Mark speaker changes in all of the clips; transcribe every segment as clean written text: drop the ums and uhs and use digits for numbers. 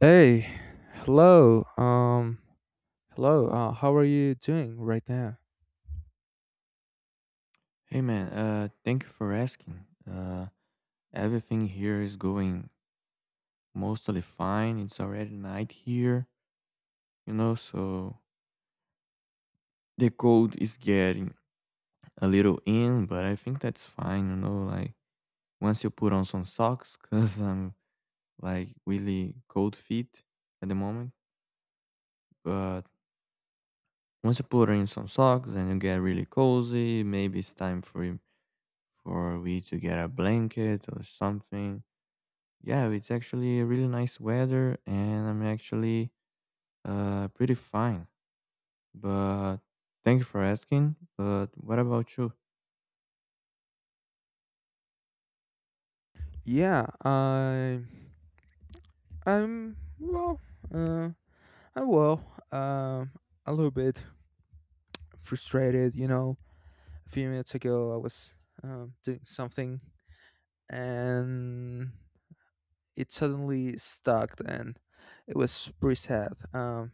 Speaker 1: Hey, hello. Hello. How are you doing right now?
Speaker 2: Hey man, thank you for asking. Uh, Everything here is going mostly fine. It's already night here, you know, so the cold is getting a little in, but I think that's fine, you know, like once you put on some socks, because I'm like really cold feet at the moment. But once you put in some socks and you get really cozy, maybe it's time for you, for we to get a blanket or something. Yeah, it's actually really nice weather and I'm actually pretty fine. But thank you for asking. But what about you?
Speaker 1: Yeah, I'm well. Uh, I'm well. Um, a little bit frustrated. You know, a few minutes ago I was doing something, and it suddenly stuck, and it was pretty sad.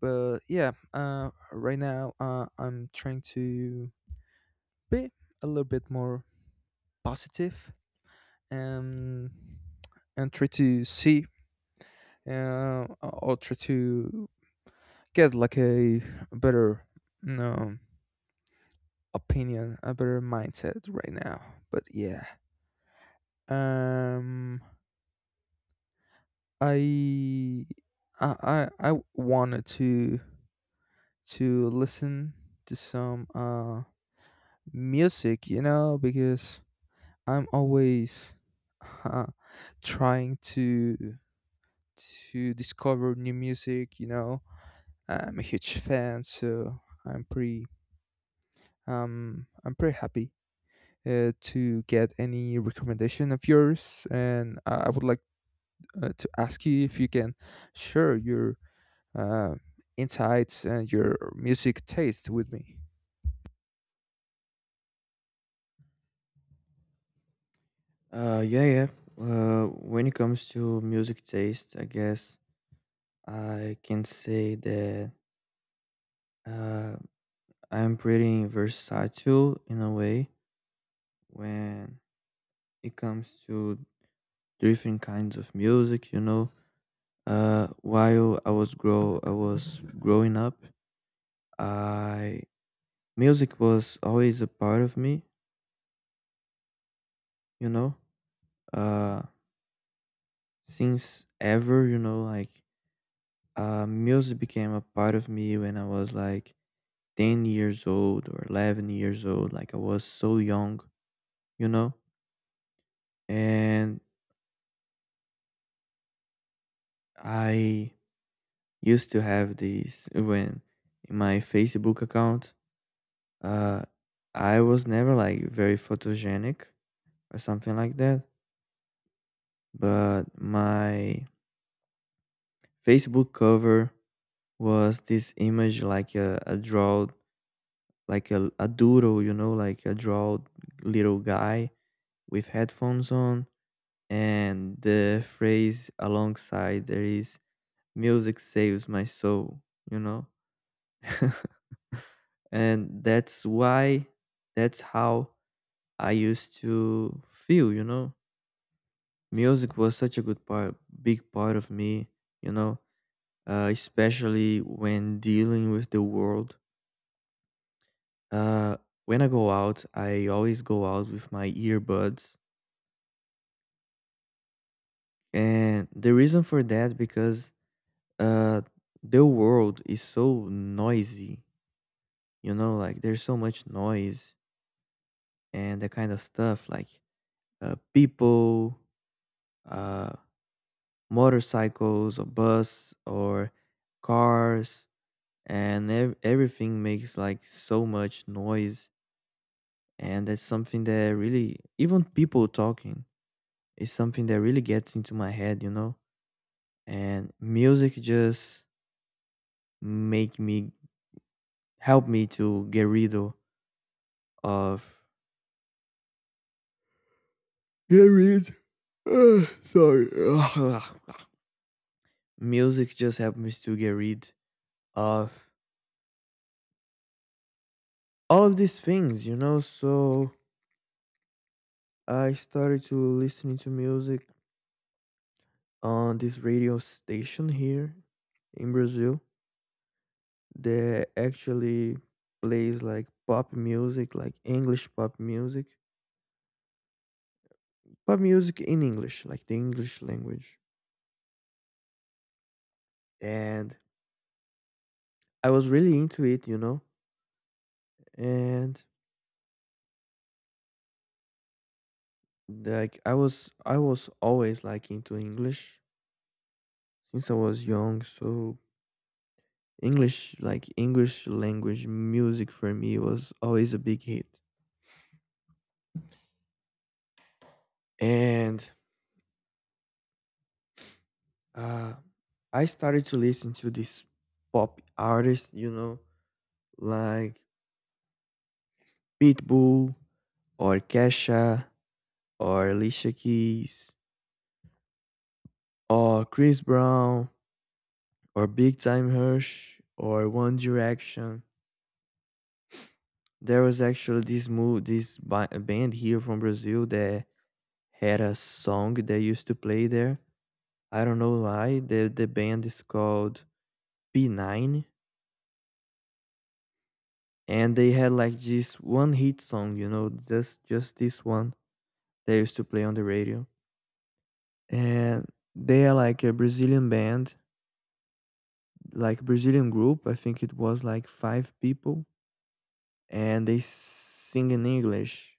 Speaker 1: But yeah, right now I'm trying to be a little bit more positive, and and try to see, or try to get like a better, you know, opinion, a better mindset right now. But yeah, um i I wanted to listen to some music, you know, because I'm always, uh, trying to discover new music. You know, I'm a huge fan, so I'm pretty I'm pretty happy, to get any recommendation of yours. And I would like, to ask you if you can share your, uh, insights and your music taste with me.
Speaker 2: Yeah, yeah. When it comes to music taste, I guess I can say that uh I'm pretty versatile in a way when it comes to different kinds of music, you know. While I was grow I was growing up, I music was always a part of me, you know, uh, since ever, you know, like music became a part of me when I was like 10 years old or 11 years old. Like I was so young, you know, and I used to have this when in my Facebook account. Uh, I was never like very photogenic or something like that, but my Facebook cover was this image like a draw, like a doodle, you know, like a draw, little guy with headphones on, and the phrase alongside there is music saves my soul, you know. And that's why, that's how I used to feel, you know. Music was such a good part, big part of me, you know, especially when dealing with the world. Uh, when I go out, I always go out with my earbuds, and the reason for that because uh the world is so noisy. You know, like there's so much noise and that kind of stuff, like people, uh, motorcycles or bus or cars, and everything makes like so much noise, and that's something that really, even people talking, it's something that really gets into my head, you know? And music just make me help me to get rid o- of get rid. Uh, sorry. music just helped me to get rid of all of these things, you know? So I started to listening to music on this radio station here in Brazil that actually plays like pop music, like English pop music, pop music in English, like the English language. And I was really into it, you know. And I was always like into English since I was young, so English language music for me was always a big hit. And uh I started to listen to these pop artists, you know, like Pitbull or Kesha or Alicia Keys or Chris Brown or Big Time Rush or One Direction. There was actually this band here from Brazil that had a song they used to play there. I don't know why. The band is called B9, and they had like this one hit song, you know, just this one they used to play on the radio. And they are like a Brazilian band, like Brazilian group. I think it was like five people, and they sing in English,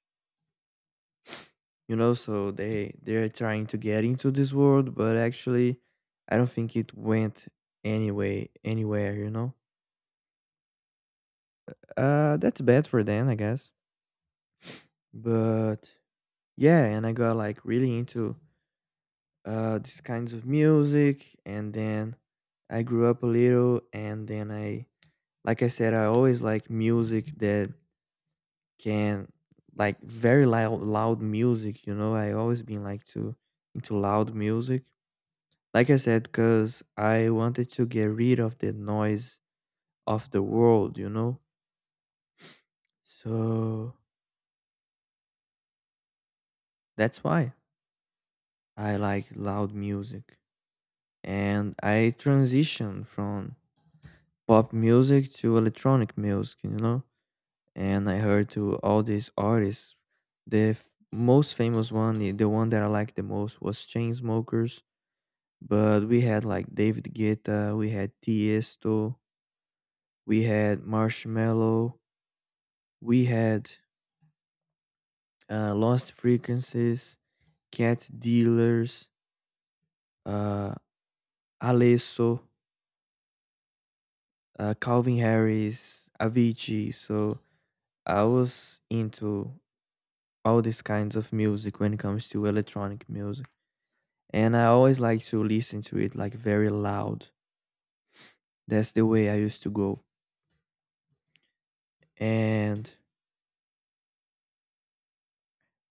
Speaker 2: you know, so they're trying to get into this world, but actually I don't think it went anywhere, you know. That's bad for them, I guess. But yeah, and I got like really into these kinds of music, and then I grew up a little, and then I like I said, I always like music that can, like very loud music, you know. I always been like to into loud music. Like I said, because I wanted to get rid of the noise of the world, you know? So that's why I like loud music. And I transitioned from pop music to electronic music, you know? And I heard to all these artists. Most famous one, the one that I liked the most was Chainsmokers. But we had like David Guetta, we had Tiesto, we had Marshmello, we had Lost Frequencies, Cat Dealers, uh, Alesso, Calvin Harris, Avicii. So I was into all these kinds of music when it comes to electronic music. And I always like to listen to it like very loud. That's the way I used to go. And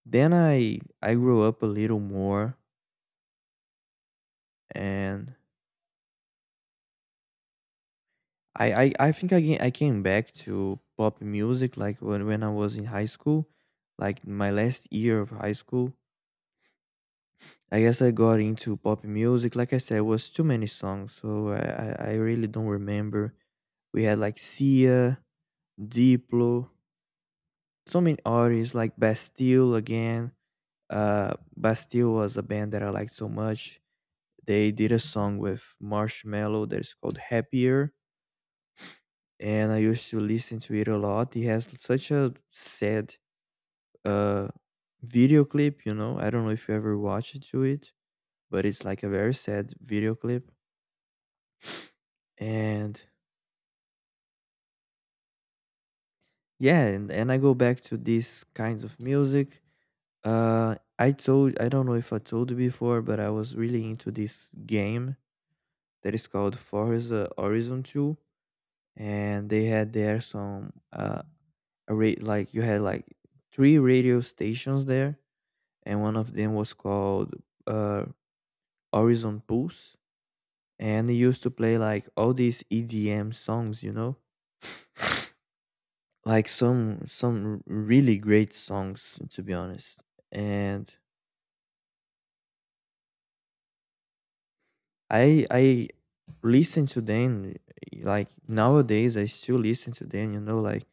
Speaker 2: then I grew up a little more, and I think I, ga- I came back to pop music like when I was in high school, like my last year of high school. I guess I got into pop music. Like I said, it was too many songs, so I really don't remember. We had like Sia, Diplo, so many artists like Bastille again. Bastille was a band that I liked so much. They did a song with Marshmello that is called Happier, and I used to listen to it a lot. He has such a sad uh video clip, you know. I don't know if you ever watched to it, but it's like a very sad video clip. And yeah, and I go back to these kinds of music. I don't know if I told you before, but I was really into this game that is called Forza Horizon 2, and they had there some a rate, like you had like three radio stations there, and one of them was called uh, Horizon Pulse, and he used to play like all these EDM songs, you know, like some really great songs to be honest. And I listen to them, like nowadays I still listen to them, you know, like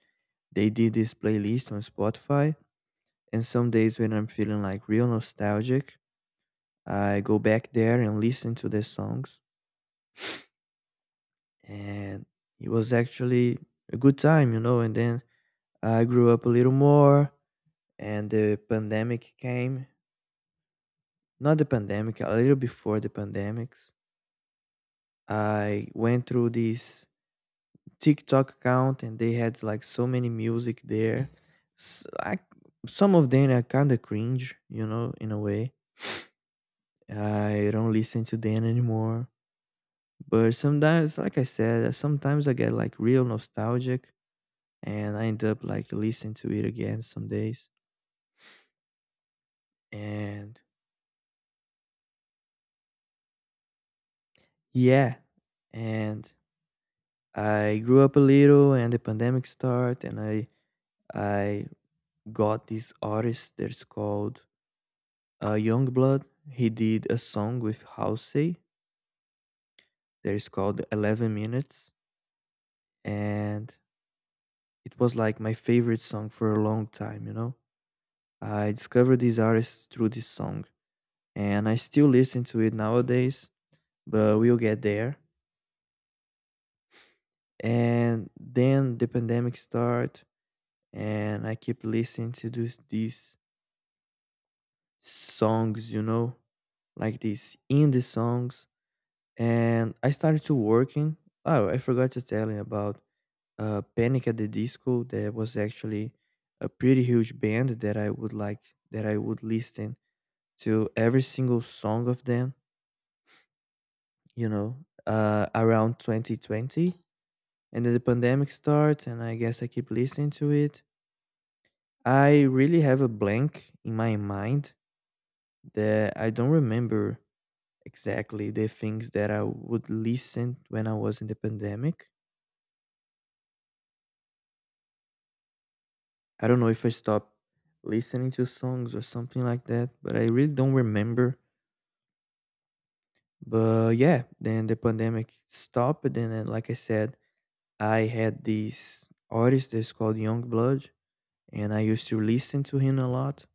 Speaker 2: they did this playlist on Spotify, and some days when I'm feeling like real nostalgic, I go back there and listen to the songs, and it was actually a good time, you know. And then I grew up a little more, and the pandemic came. Not the pandemic, a little before the pandemics. I went through this TikTok account, and they had like so many music there. S I Some of them are kind of cringe, you know, in a way. I don't listen to them anymore. But sometimes, like I said, sometimes I get like real nostalgic and I end up like listening to it again some days. And yeah, and I grew up a little, and the pandemic start, and I got this artist that's called Youngblood. He did a song with Halsey that is called 11 Minutes, and it was like my favorite song for a long time. You know, I discovered this artist through this song, and I still listen to it nowadays. But we'll get there, and then the pandemic start, and I keep listening to those these songs, you know, like these indie songs, and I started to working. Oh, I forgot to tell you about Panic at the Disco, that was actually a pretty huge band that I would listen to every single song of them, you know, around 2020. And then the pandemic start, and I guess I keep listening to it. I really have a blank in my mind that I don't remember exactly the things that I would listen when I was in the pandemic. I don't know if I stopped listening to songs or something like that, but I really don't remember. But yeah, then the pandemic stopped, and then, like I said, I had this artist that's called Youngblood, and I used to listen to him a lot.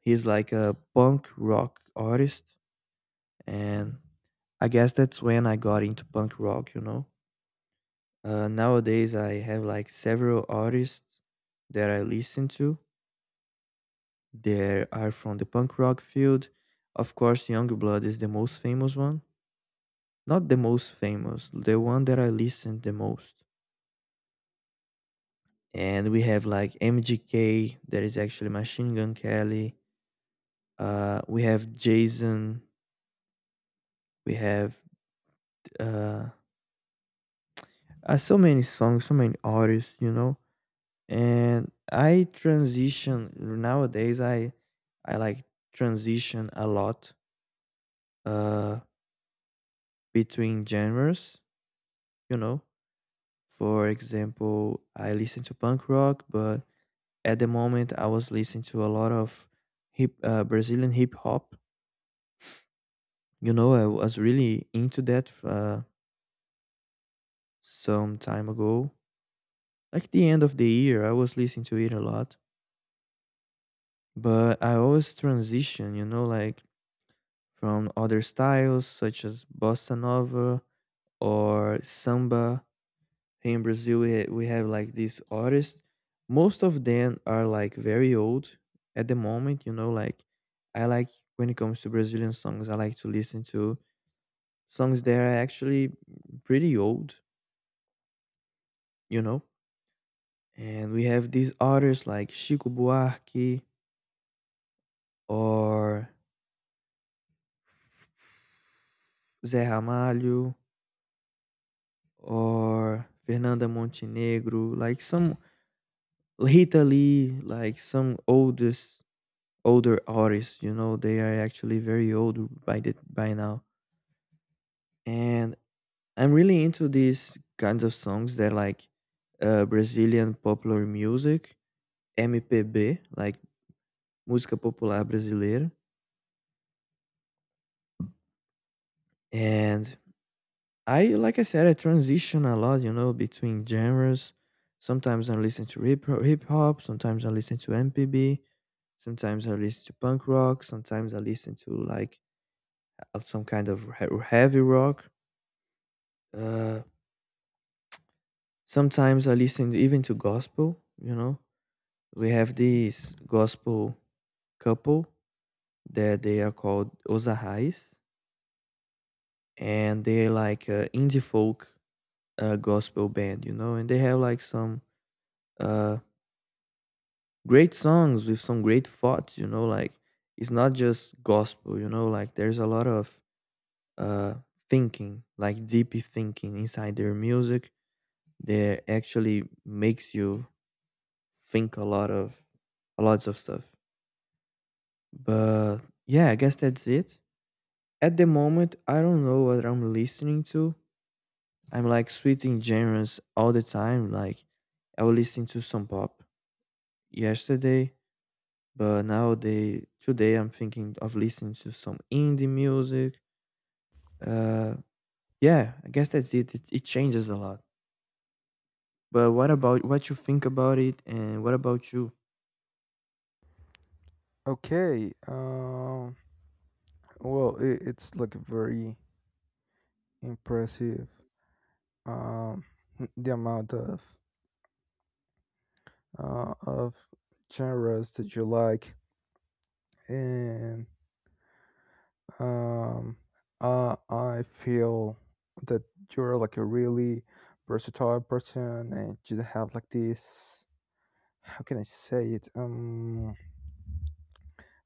Speaker 2: He's like a punk rock artist, and I guess that's when I got into punk rock, you know. Nowadays, I have like several artists that I listen to. They are from the punk rock field. Of course, Youngblood is the most famous one. Not the most famous, the one that I listen the most. And we have like MGK, that is actually Machine Gun Kelly. We have Jason. We have uh, so many songs, so many artists, you know. And I transition nowadays. I like transition a lot uh between genres, you know. For example, I listen to punk rock, but at the moment I was listening to a lot of hip Brazilian hip hop, you know. I was really into that some time ago, like the end of the year I was listening to it a lot. But I always transition, you know, like from other styles such as bossa nova or samba. Here in Brazil, we have like these artists. Most of them are like very old at the moment, you know. Like, I like, when it comes to Brazilian songs, I like to listen to songs that are actually pretty old, you know. And we have these artists like Chico Buarque or Zé Ramalho or Fernanda Montenegro, like some Rita Lee, like some oldest older artists, you know, they are actually very old by now. And I'm really into these kinds of songs that like Brazilian popular music, MPB, like música popular brasileira. And like I said, I transition a lot, you know, between genres. Sometimes I listen to hip hop, sometimes I listen to MPB, sometimes I listen to punk rock, sometimes I listen to like of some kind of heavy rock. Uh, Sometimes I listen even to gospel. You know, we have this gospel couple that they are called Ozahais, and they're like a indie folk gospel band. You know, and they have like some uh, great songs with some great thoughts. You know, like it's not just gospel. You know, like there's a lot of uh, thinking, like deep thinking inside their music that actually makes you think a lots of stuff. But yeah, I guess that's it. At the moment, I don't know what I'm listening to. I'm like switching genres all the time. Like I was listening to some pop yesterday, but now they today I'm thinking of listening to some indie music. Uh, yeah, I guess that's it. It changes a lot. But what you think about it, and what about you?
Speaker 1: Okay. Well, it's like a very impressive. Um. The amount of, uh, of genres that you like, and um I feel that you're like a really versatile person, and you have like this, how can I say it,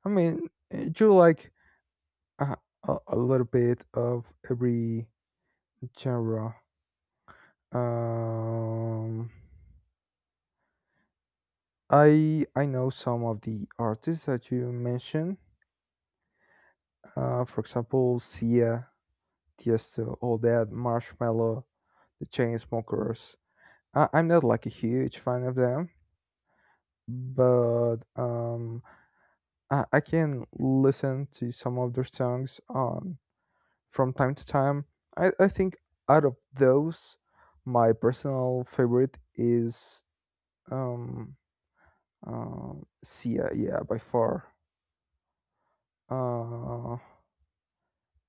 Speaker 1: I mean, you like a, a little bit of every genre. um I know some of the artists that you mentioned, for example, Sia, Tiesto, All That, Marshmello, the Chainsmokers. I'm not like a huge fan of them, but, I can listen to some of their songs on from time to time. I think out of those, my personal favorite is, um, Sia, yeah, by far. Uh,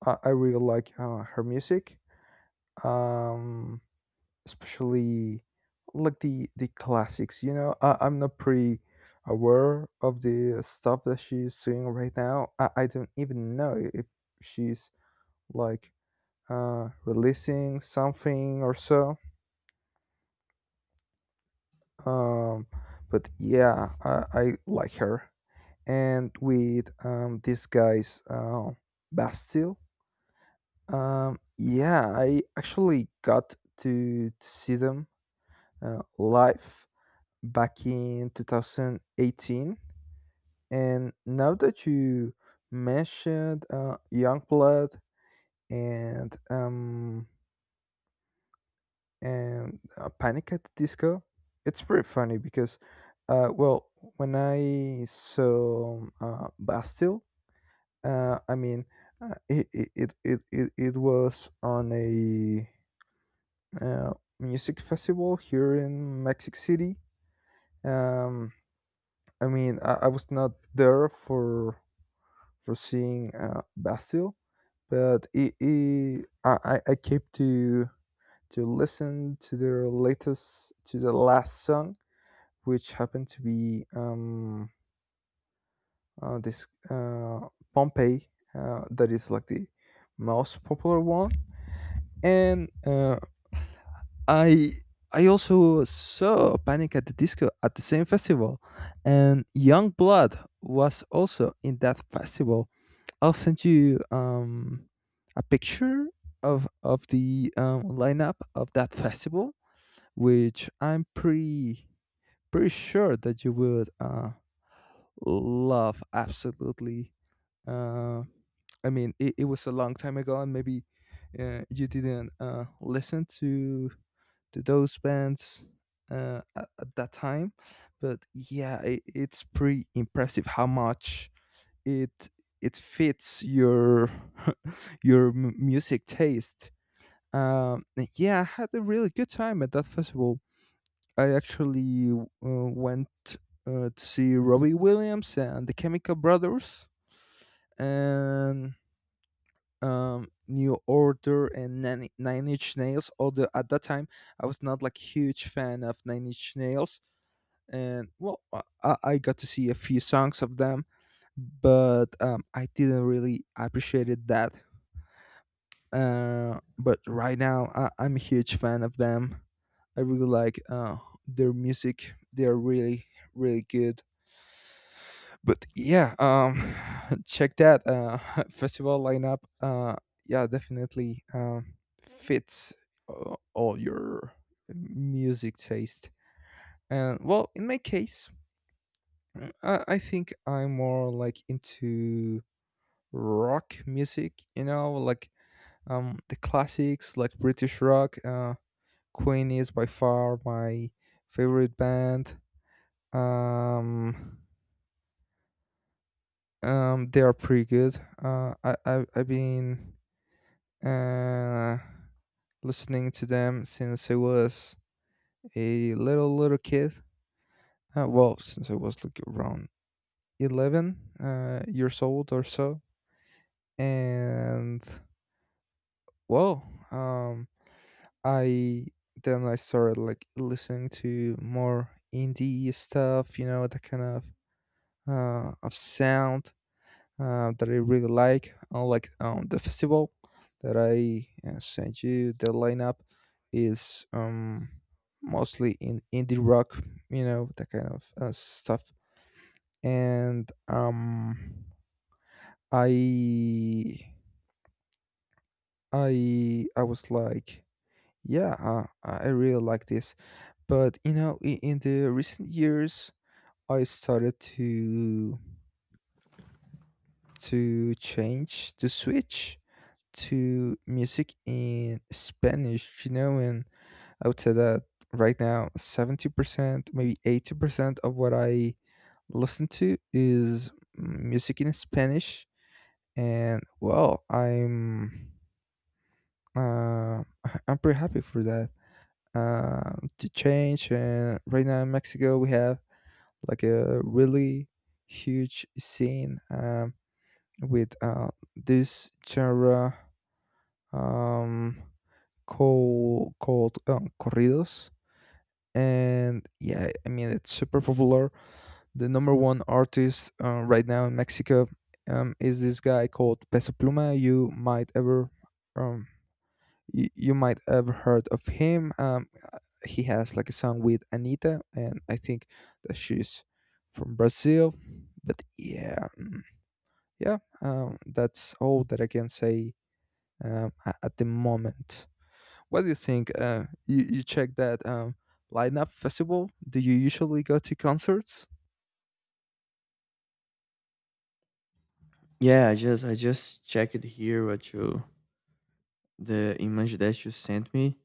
Speaker 1: I really like, her music. Um, Especially like the classics, you know. I'm not pretty aware of the stuff that she's doing right now. I don't even know if she's like, releasing something or so. um but yeah, I like her. And with, this guy's, Bastille. Yeah, I actually got to see them, live back in 2018. And now that you mentioned, Youngblood and, Panic at the Disco, it's pretty funny because, well, when I saw, Bastille, I mean, it was on a, uh, music festival here in Mexico City. Um, I mean, I was not there for seeing, Bastille, but, I keep to listen to their latest, to the last song, which happened to be, this, Pompeii, that is like the most popular one, and, I I also saw Panic at the Disco at the same festival, and Youngblood was also in that festival. I'll send you, a picture of the, lineup of that festival, which I'm pretty sure that you would, love absolutely. Uh, I mean, it was a long time ago, and maybe, you didn't, listen to those bands, at that time, but yeah, it's pretty impressive how much it it fits your your music taste. Um, yeah, I had a really good time at that festival. I actually, went, to see Robbie Williams and the Chemical Brothers, and, New Order and Nine Inch Nails. Although at that time I was not like huge fan of Nine Inch Nails, and well, I got to see a few songs of them, but, I didn't really appreciate it that. But right now, I'm a huge fan of them. I really like, their music. They are really, really good. But yeah, check that, festival lineup. Yeah, definitely, fits, all your music taste. And well, in my case, I think I'm more like into rock music. You know, like, the classics, like British rock. Queen is by far my favorite band. Um, they are pretty good. I've been, uh listening to them since I was a little kid. Well, since I was like around 11, years old or so, and well, um, I then I started like listening to more indie stuff, you know, that kind of, sound, that I really like, unlike, the festival that I, sent you. The lineup is, mostly in indie rock, you know, that kind of, stuff. And, I, I was like, yeah, I really like this. But you know, in the recent years, I started to change, to switch to music in Spanish, you know, and I would say that right now 70%, maybe 80% of what I listen to is music in Spanish. And well, I'm uh, I'm pretty happy for that. To change, and right now in Mexico we have like a really huge scene, with, this genre. Um, called corridos. And yeah, I mean, it's super popular. The number one artist, right now in Mexico, is this guy called Peso Pluma. You might ever, um, you might have heard of him, he has like a song with Anita, and I think that she's from Brazil. But yeah, yeah, that's all that I can say, at the moment. What do you think? You check that, lineup festival? Do you usually go to concerts?
Speaker 2: Yeah, I just checked here what you the image that you sent me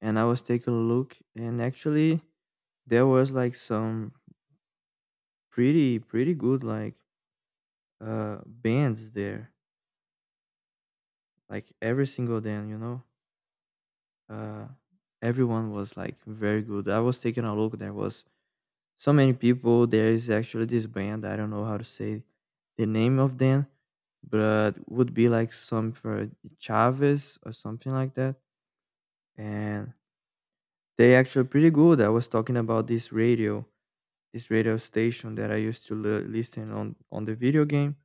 Speaker 2: and I was taking a look, and actually there was like some pretty good like bands there. Like every single band, you know. Uh Everyone was like very good. I was taking a look, there was so many people. There is actually this band, I don't know how to say the name of them, but would be like some for Chavez or something like that. And they actually pretty good. I was talking about this radio. This radio station that I used to listen on the video game.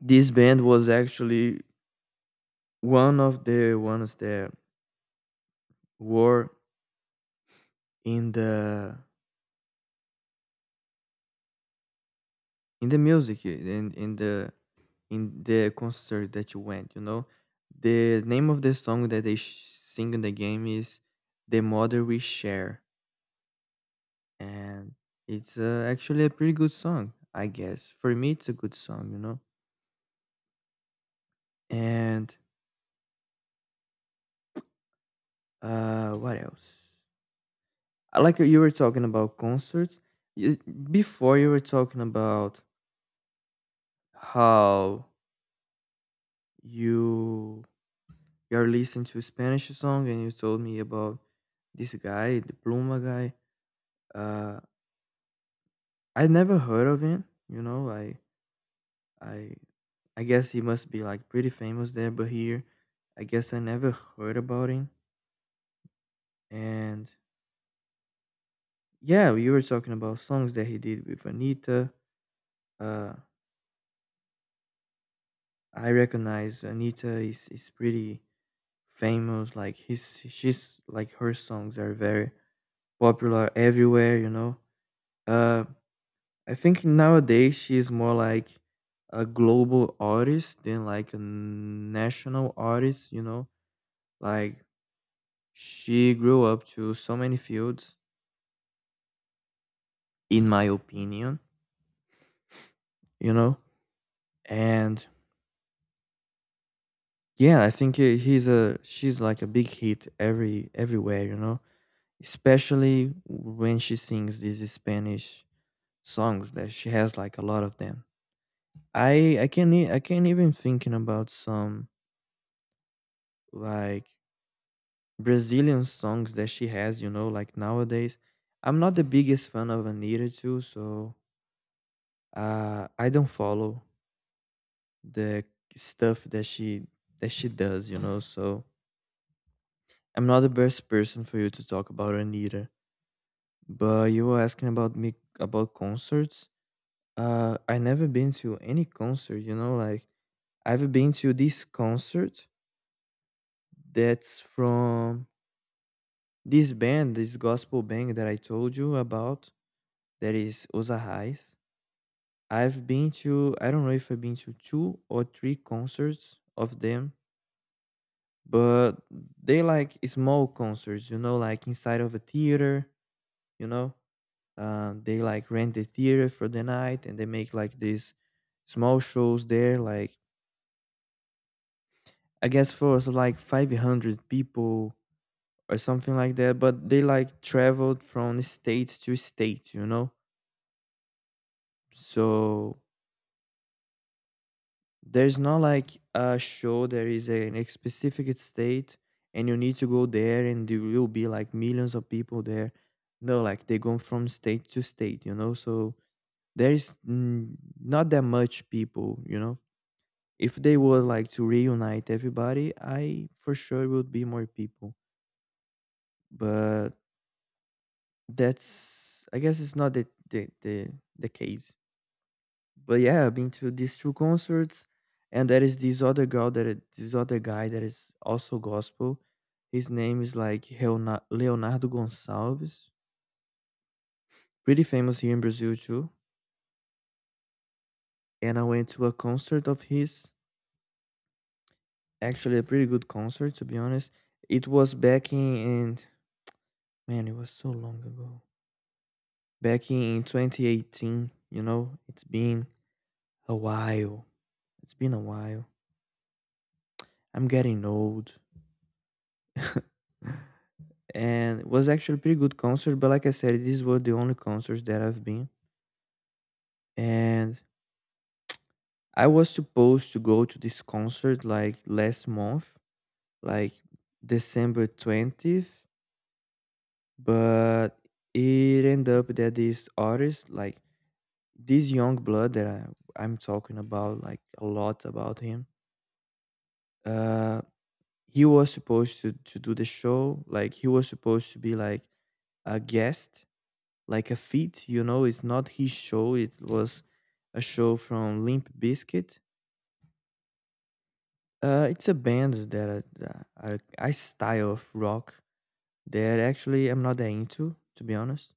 Speaker 2: This band was actually one of the ones that were in the in the music in the concert that you went. You know, the name of the song that they sing in the game is "The Mother We Share," and it's actually a pretty good song, I guess. For me, it's a good song. You know, and what else? I like you were talking about concerts you, before you were talking about how you you're listening to Spanish song and you told me about this guy the pluma guy, uh I never heard of him, you know, i I guess he must be like pretty famous there but here I guess I never heard about him. And yeah, you were talking about songs that he did with Anita. uh I recognize Anita is pretty famous. Like his, she's like her songs are very popular everywhere. You know, uh, I think nowadays she's more like a global artist than like a national artist. You know, like she grew up to so many fields, in my opinion. You know, and yeah, I think he- he's a she's like a big hit everywhere. You know, especially when she sings these Spanish songs that she has like a lot of them. I can not even thinking about some like Brazilian songs that she has, you know, like nowadays. I'm not the biggest fan of Anita too, so I don't follow the stuff that she does, you know. So I'm not the best person for you to talk about Anita. But you were asking about me about concerts. I never been to any concert, you know, like I've been to this concert that's from this band, this gospel band that I told you about, that is Osahais. I've been to, I don't know if I've been to two or three concerts of them, but they like small concerts, you know, like inside of a theater, you know. They like rent the theater for the night and they make like these small shows there, like I guess for us, like 500 people or something like that, but they like traveled from state to state, you know. So there's not like a show there is a, in a specific state and you need to go there and there will be like millions of people there. No, like they go from state to state, you know. So there is not that much people, you know. If they would like to reunite everybody I for sure would be more people, but that's I guess it's not the the, the case. But yeah, I've been to these two concerts, and there is this other girl that this other guy that is also gospel. His name is like Leonardo Gonçalves, pretty famous here in Brazil too. And I went to a concert of his, actually a pretty good concert to be honest. It was in man, it was so long ago. Back in 2018, you know, it's been a while. It's been a while. I'm getting old. And it was actually a pretty good concert. But like I said, these were the only concerts that I've been, and I was supposed to go to this concert like last month, like December 20th, but it ended up that this artist, like this young blood that I'm talking about, like a lot about him. Uh, he was supposed to do the show, like he was supposed to be like a guest like a feat. You know, it's not his show. It was a show from Limp Bizkit. It's a band that I style of rock that actually I'm not that into, to be honest.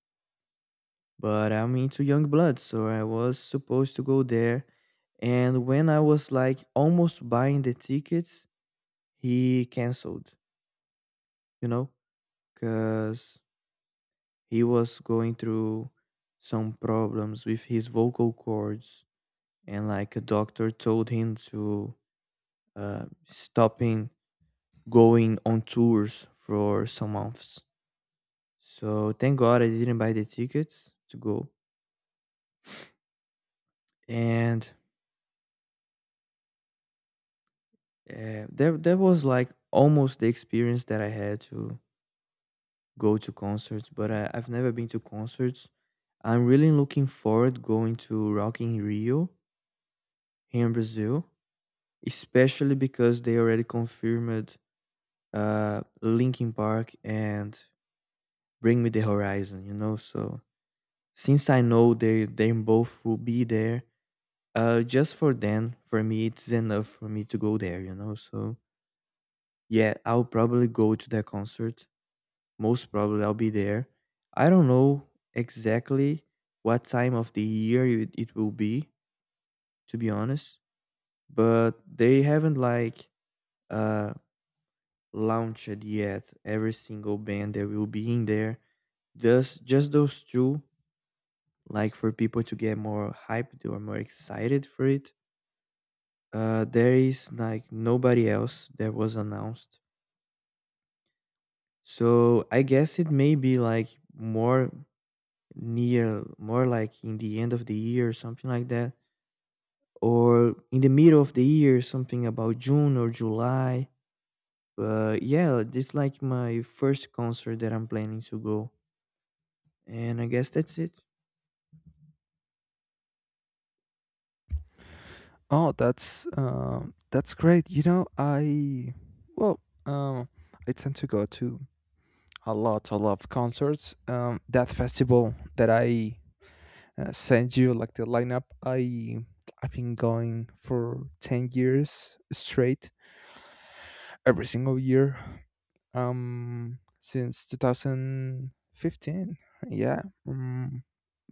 Speaker 2: But I'm into Young Blood, so I was supposed to go there. And when I was like almost buying the tickets, he canceled. You know, because he was going through some problems with his vocal cords, and like a doctor told him to stopping going on tours for some months. So thank God I didn't buy the tickets to go, and that that was like almost the experience that I had to go to concerts. But I've never been to concerts. I'm really looking forward going to Rock in Rio here in Brazil, especially because they already confirmed Linkin Park and Bring Me the Horizon, you know? So since I know they both will be there, just for them, for me it's enough for me to go there, you know? So yeah, I'll probably go to that concert. Most probably I'll be there. I don't know exactly what time of the year it will be, to be honest, but they haven't like uh launched yet every single band that will be in there. Just those two, like for people to get more hyped or more excited for it. There is like nobody else that was announced. So I guess it may be like more near, more like in the end of the year or something like that, or in the middle of the year, something about June or July. But yeah, this like my first concert that I'm planning to go, and I guess that's it.
Speaker 1: Oh, that's, that's great. You know, I well, I tend to go to a lot of concerts. That festival that I, sent you, like the lineup, I've been going for 10 years straight, every single year, since 2015. Yeah, mm,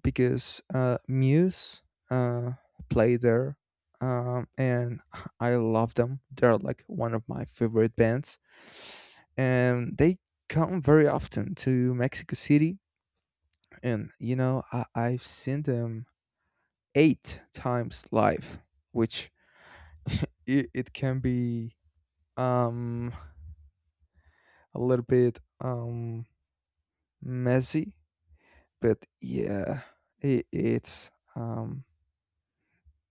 Speaker 1: because, Muse, uh, play there, and I love them. They're like one of my favorite bands, and they come very often to Mexico City. And you know, I've seen them eight times live, which it can be, um a little bit, messy, but yeah, it's um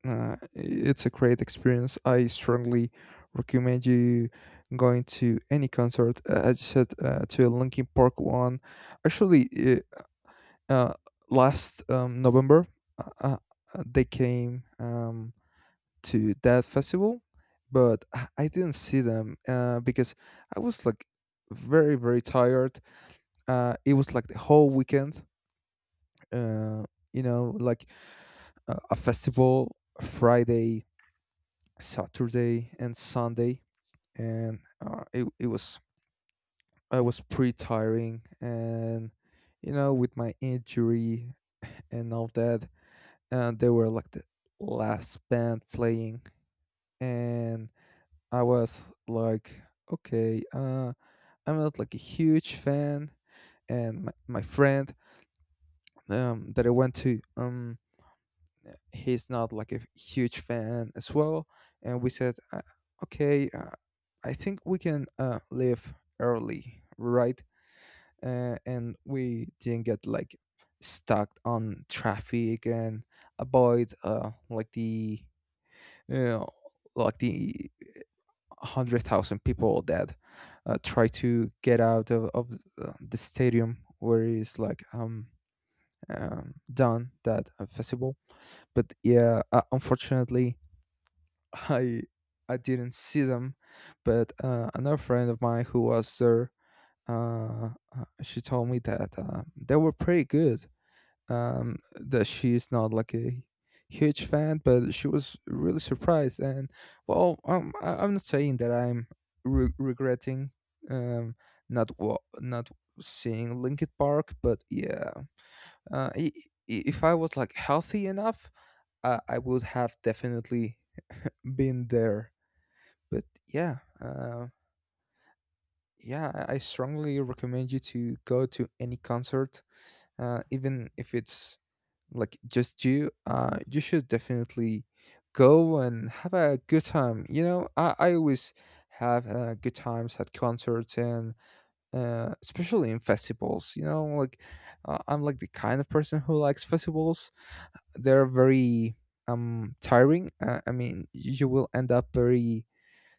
Speaker 1: uh, it's a great experience. I strongly recommend you going to any concert. As you said, to a Linkin Park one. Actually, uh, uh, last, November, uh, they came, to that festival, but I didn't see them, because I was like very, very tired. It was like the whole weekend. Uh, you know, like, a festival, Friday, Saturday, and Sunday, and, it was, I was pretty tiring, and you know, with my injury and all that, and they were like the last band playing, and I was like, okay, I'm not like a huge fan, and my friend, that I went to, he's not like a huge fan as well, and we said, okay, I think we can, leave early, right? And we didn't get like stuck on traffic, and avoid, like the, you know, like the 100,000 people that, try to get out of, the stadium where it's like, done that, festival. But yeah, unfortunately I I didn't see them, but, another friend of mine who was there, uh, she told me that, they were pretty good. That she's not like a huge fan, but she was really surprised. And well, I'm not saying that I'm regretting, um, not not seeing Linkin Park, but yeah, uh, i- if I was like healthy enough, I would have definitely been there. But yeah, yeah, I strongly recommend you to go to any concert, even if it's like just you. You should definitely go and have a good time. You know, I always have, good times at concerts, and, especially in festivals. You know, like, I'm like the kind of person who likes festivals. They're very, tiring. I mean, you will end up very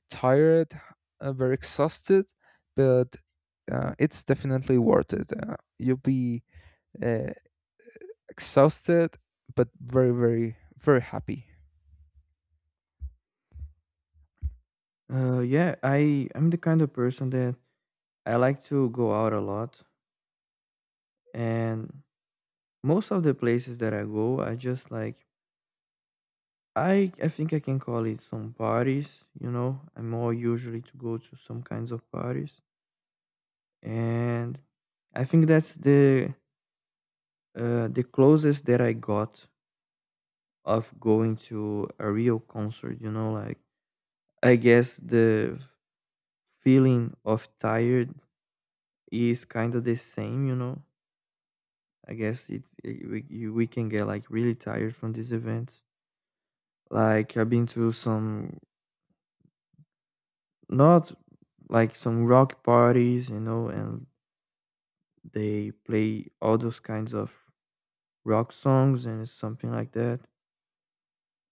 Speaker 1: tired, very exhausted, but, it's definitely worth it. You'll be, uh, exhausted, but very, very, very happy.
Speaker 2: Yeah, I I'm the kind of person that I like to go out a lot, and most of the places that I go, I just like I think I can call it some parties, you know. I'm more usually to go to some kinds of parties, and I think that's the closest that I got of going to a real concert, you know. Like I guess the feeling of tired is kind of the same, you know. I guess it's we we can get like really tired from these events. Like I've been to some. Not like some rock parties, you know, and they play all those kinds of rock songs and something like that.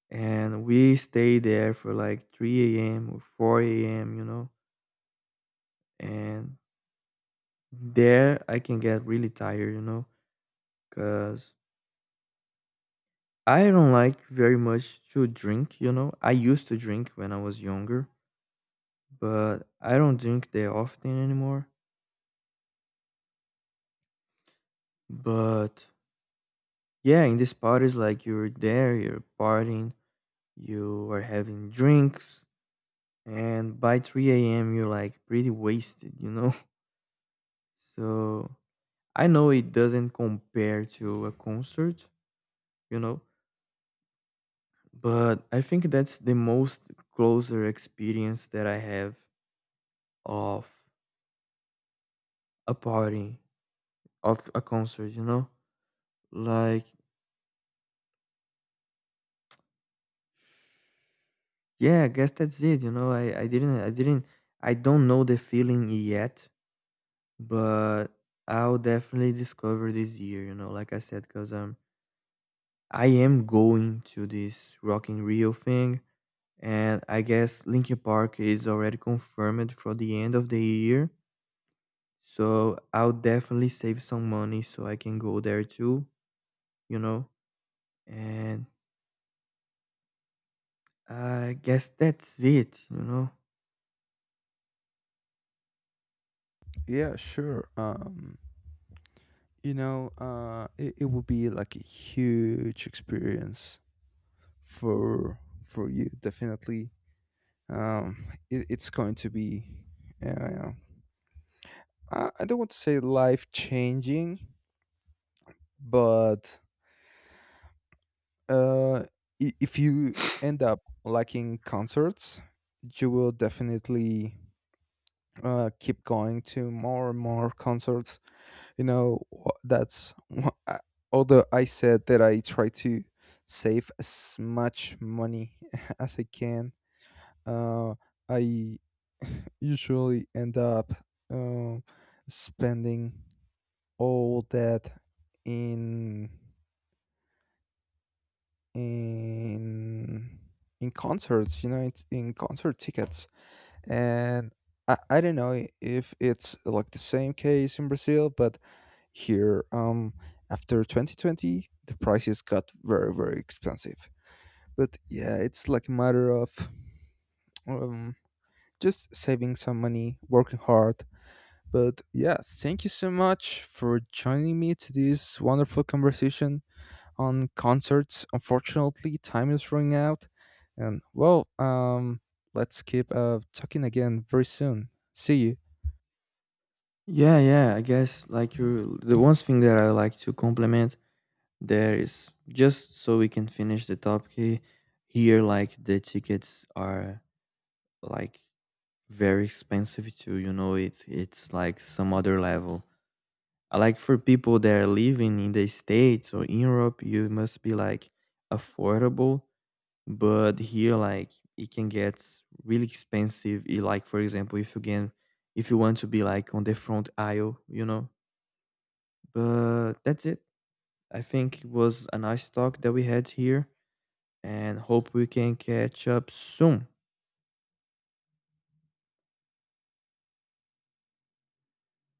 Speaker 2: And we stay there for like 3 a.m. or 4 a.m., you know. And there I can get really tired, you know, because I don't like very much to drink, you know. I used to drink when I was younger, but I don't drink that often anymore. But yeah, in these parties, like you're there, you're partying, you are having drinks, and by 3 a.m., you're like pretty wasted, you know? So I know it doesn't compare to a concert, you know, but I think that's the most closer experience that I have of a party, of a concert, you know? Like, yeah, I guess that's it, you know? I don't know the feeling yet, but I'll definitely discover this year, you know, like I said, because I am going to this Rock in Rio thing, and I guess Linkin Park is already confirmed for the end of the year. So I'll definitely save some money so I can go there too, you know. And I guess that's it, you know.
Speaker 1: Yeah, sure. You know, it will be like a huge experience for you. Definitely, um, it's going to be. Uh, I don't want to say life changing, but, uh, if you end up liking concerts, you will definitely, keep going to more and more concerts. You know, although I said that I try to save as much money as I can, uh I usually end up, um spending all that in in in concerts. You know, it's in concert tickets, and I don't know if it's like the same case in Brazil, but here, after 2020 the prices got very, very expensive. But yeah, it's like a matter of, um just saving some money, working hard. But yeah, thank you so much for joining me to this wonderful conversation on concerts. Unfortunately, time is running out, and well, let's keep, talking again very soon. See you.
Speaker 2: Yeah, yeah. I guess like you, the one thing that I like to compliment there is just so we can finish the topic here. Like the tickets are like very expensive too, you know, it's like some other level. Like for people that are living in the states or in Europe, you must be like affordable, but here like it can get really expensive. Like for example if you can if you want to be like on the front aisle, you know. But that's it. I think it was a nice talk that we had here, and hope we can catch up soon.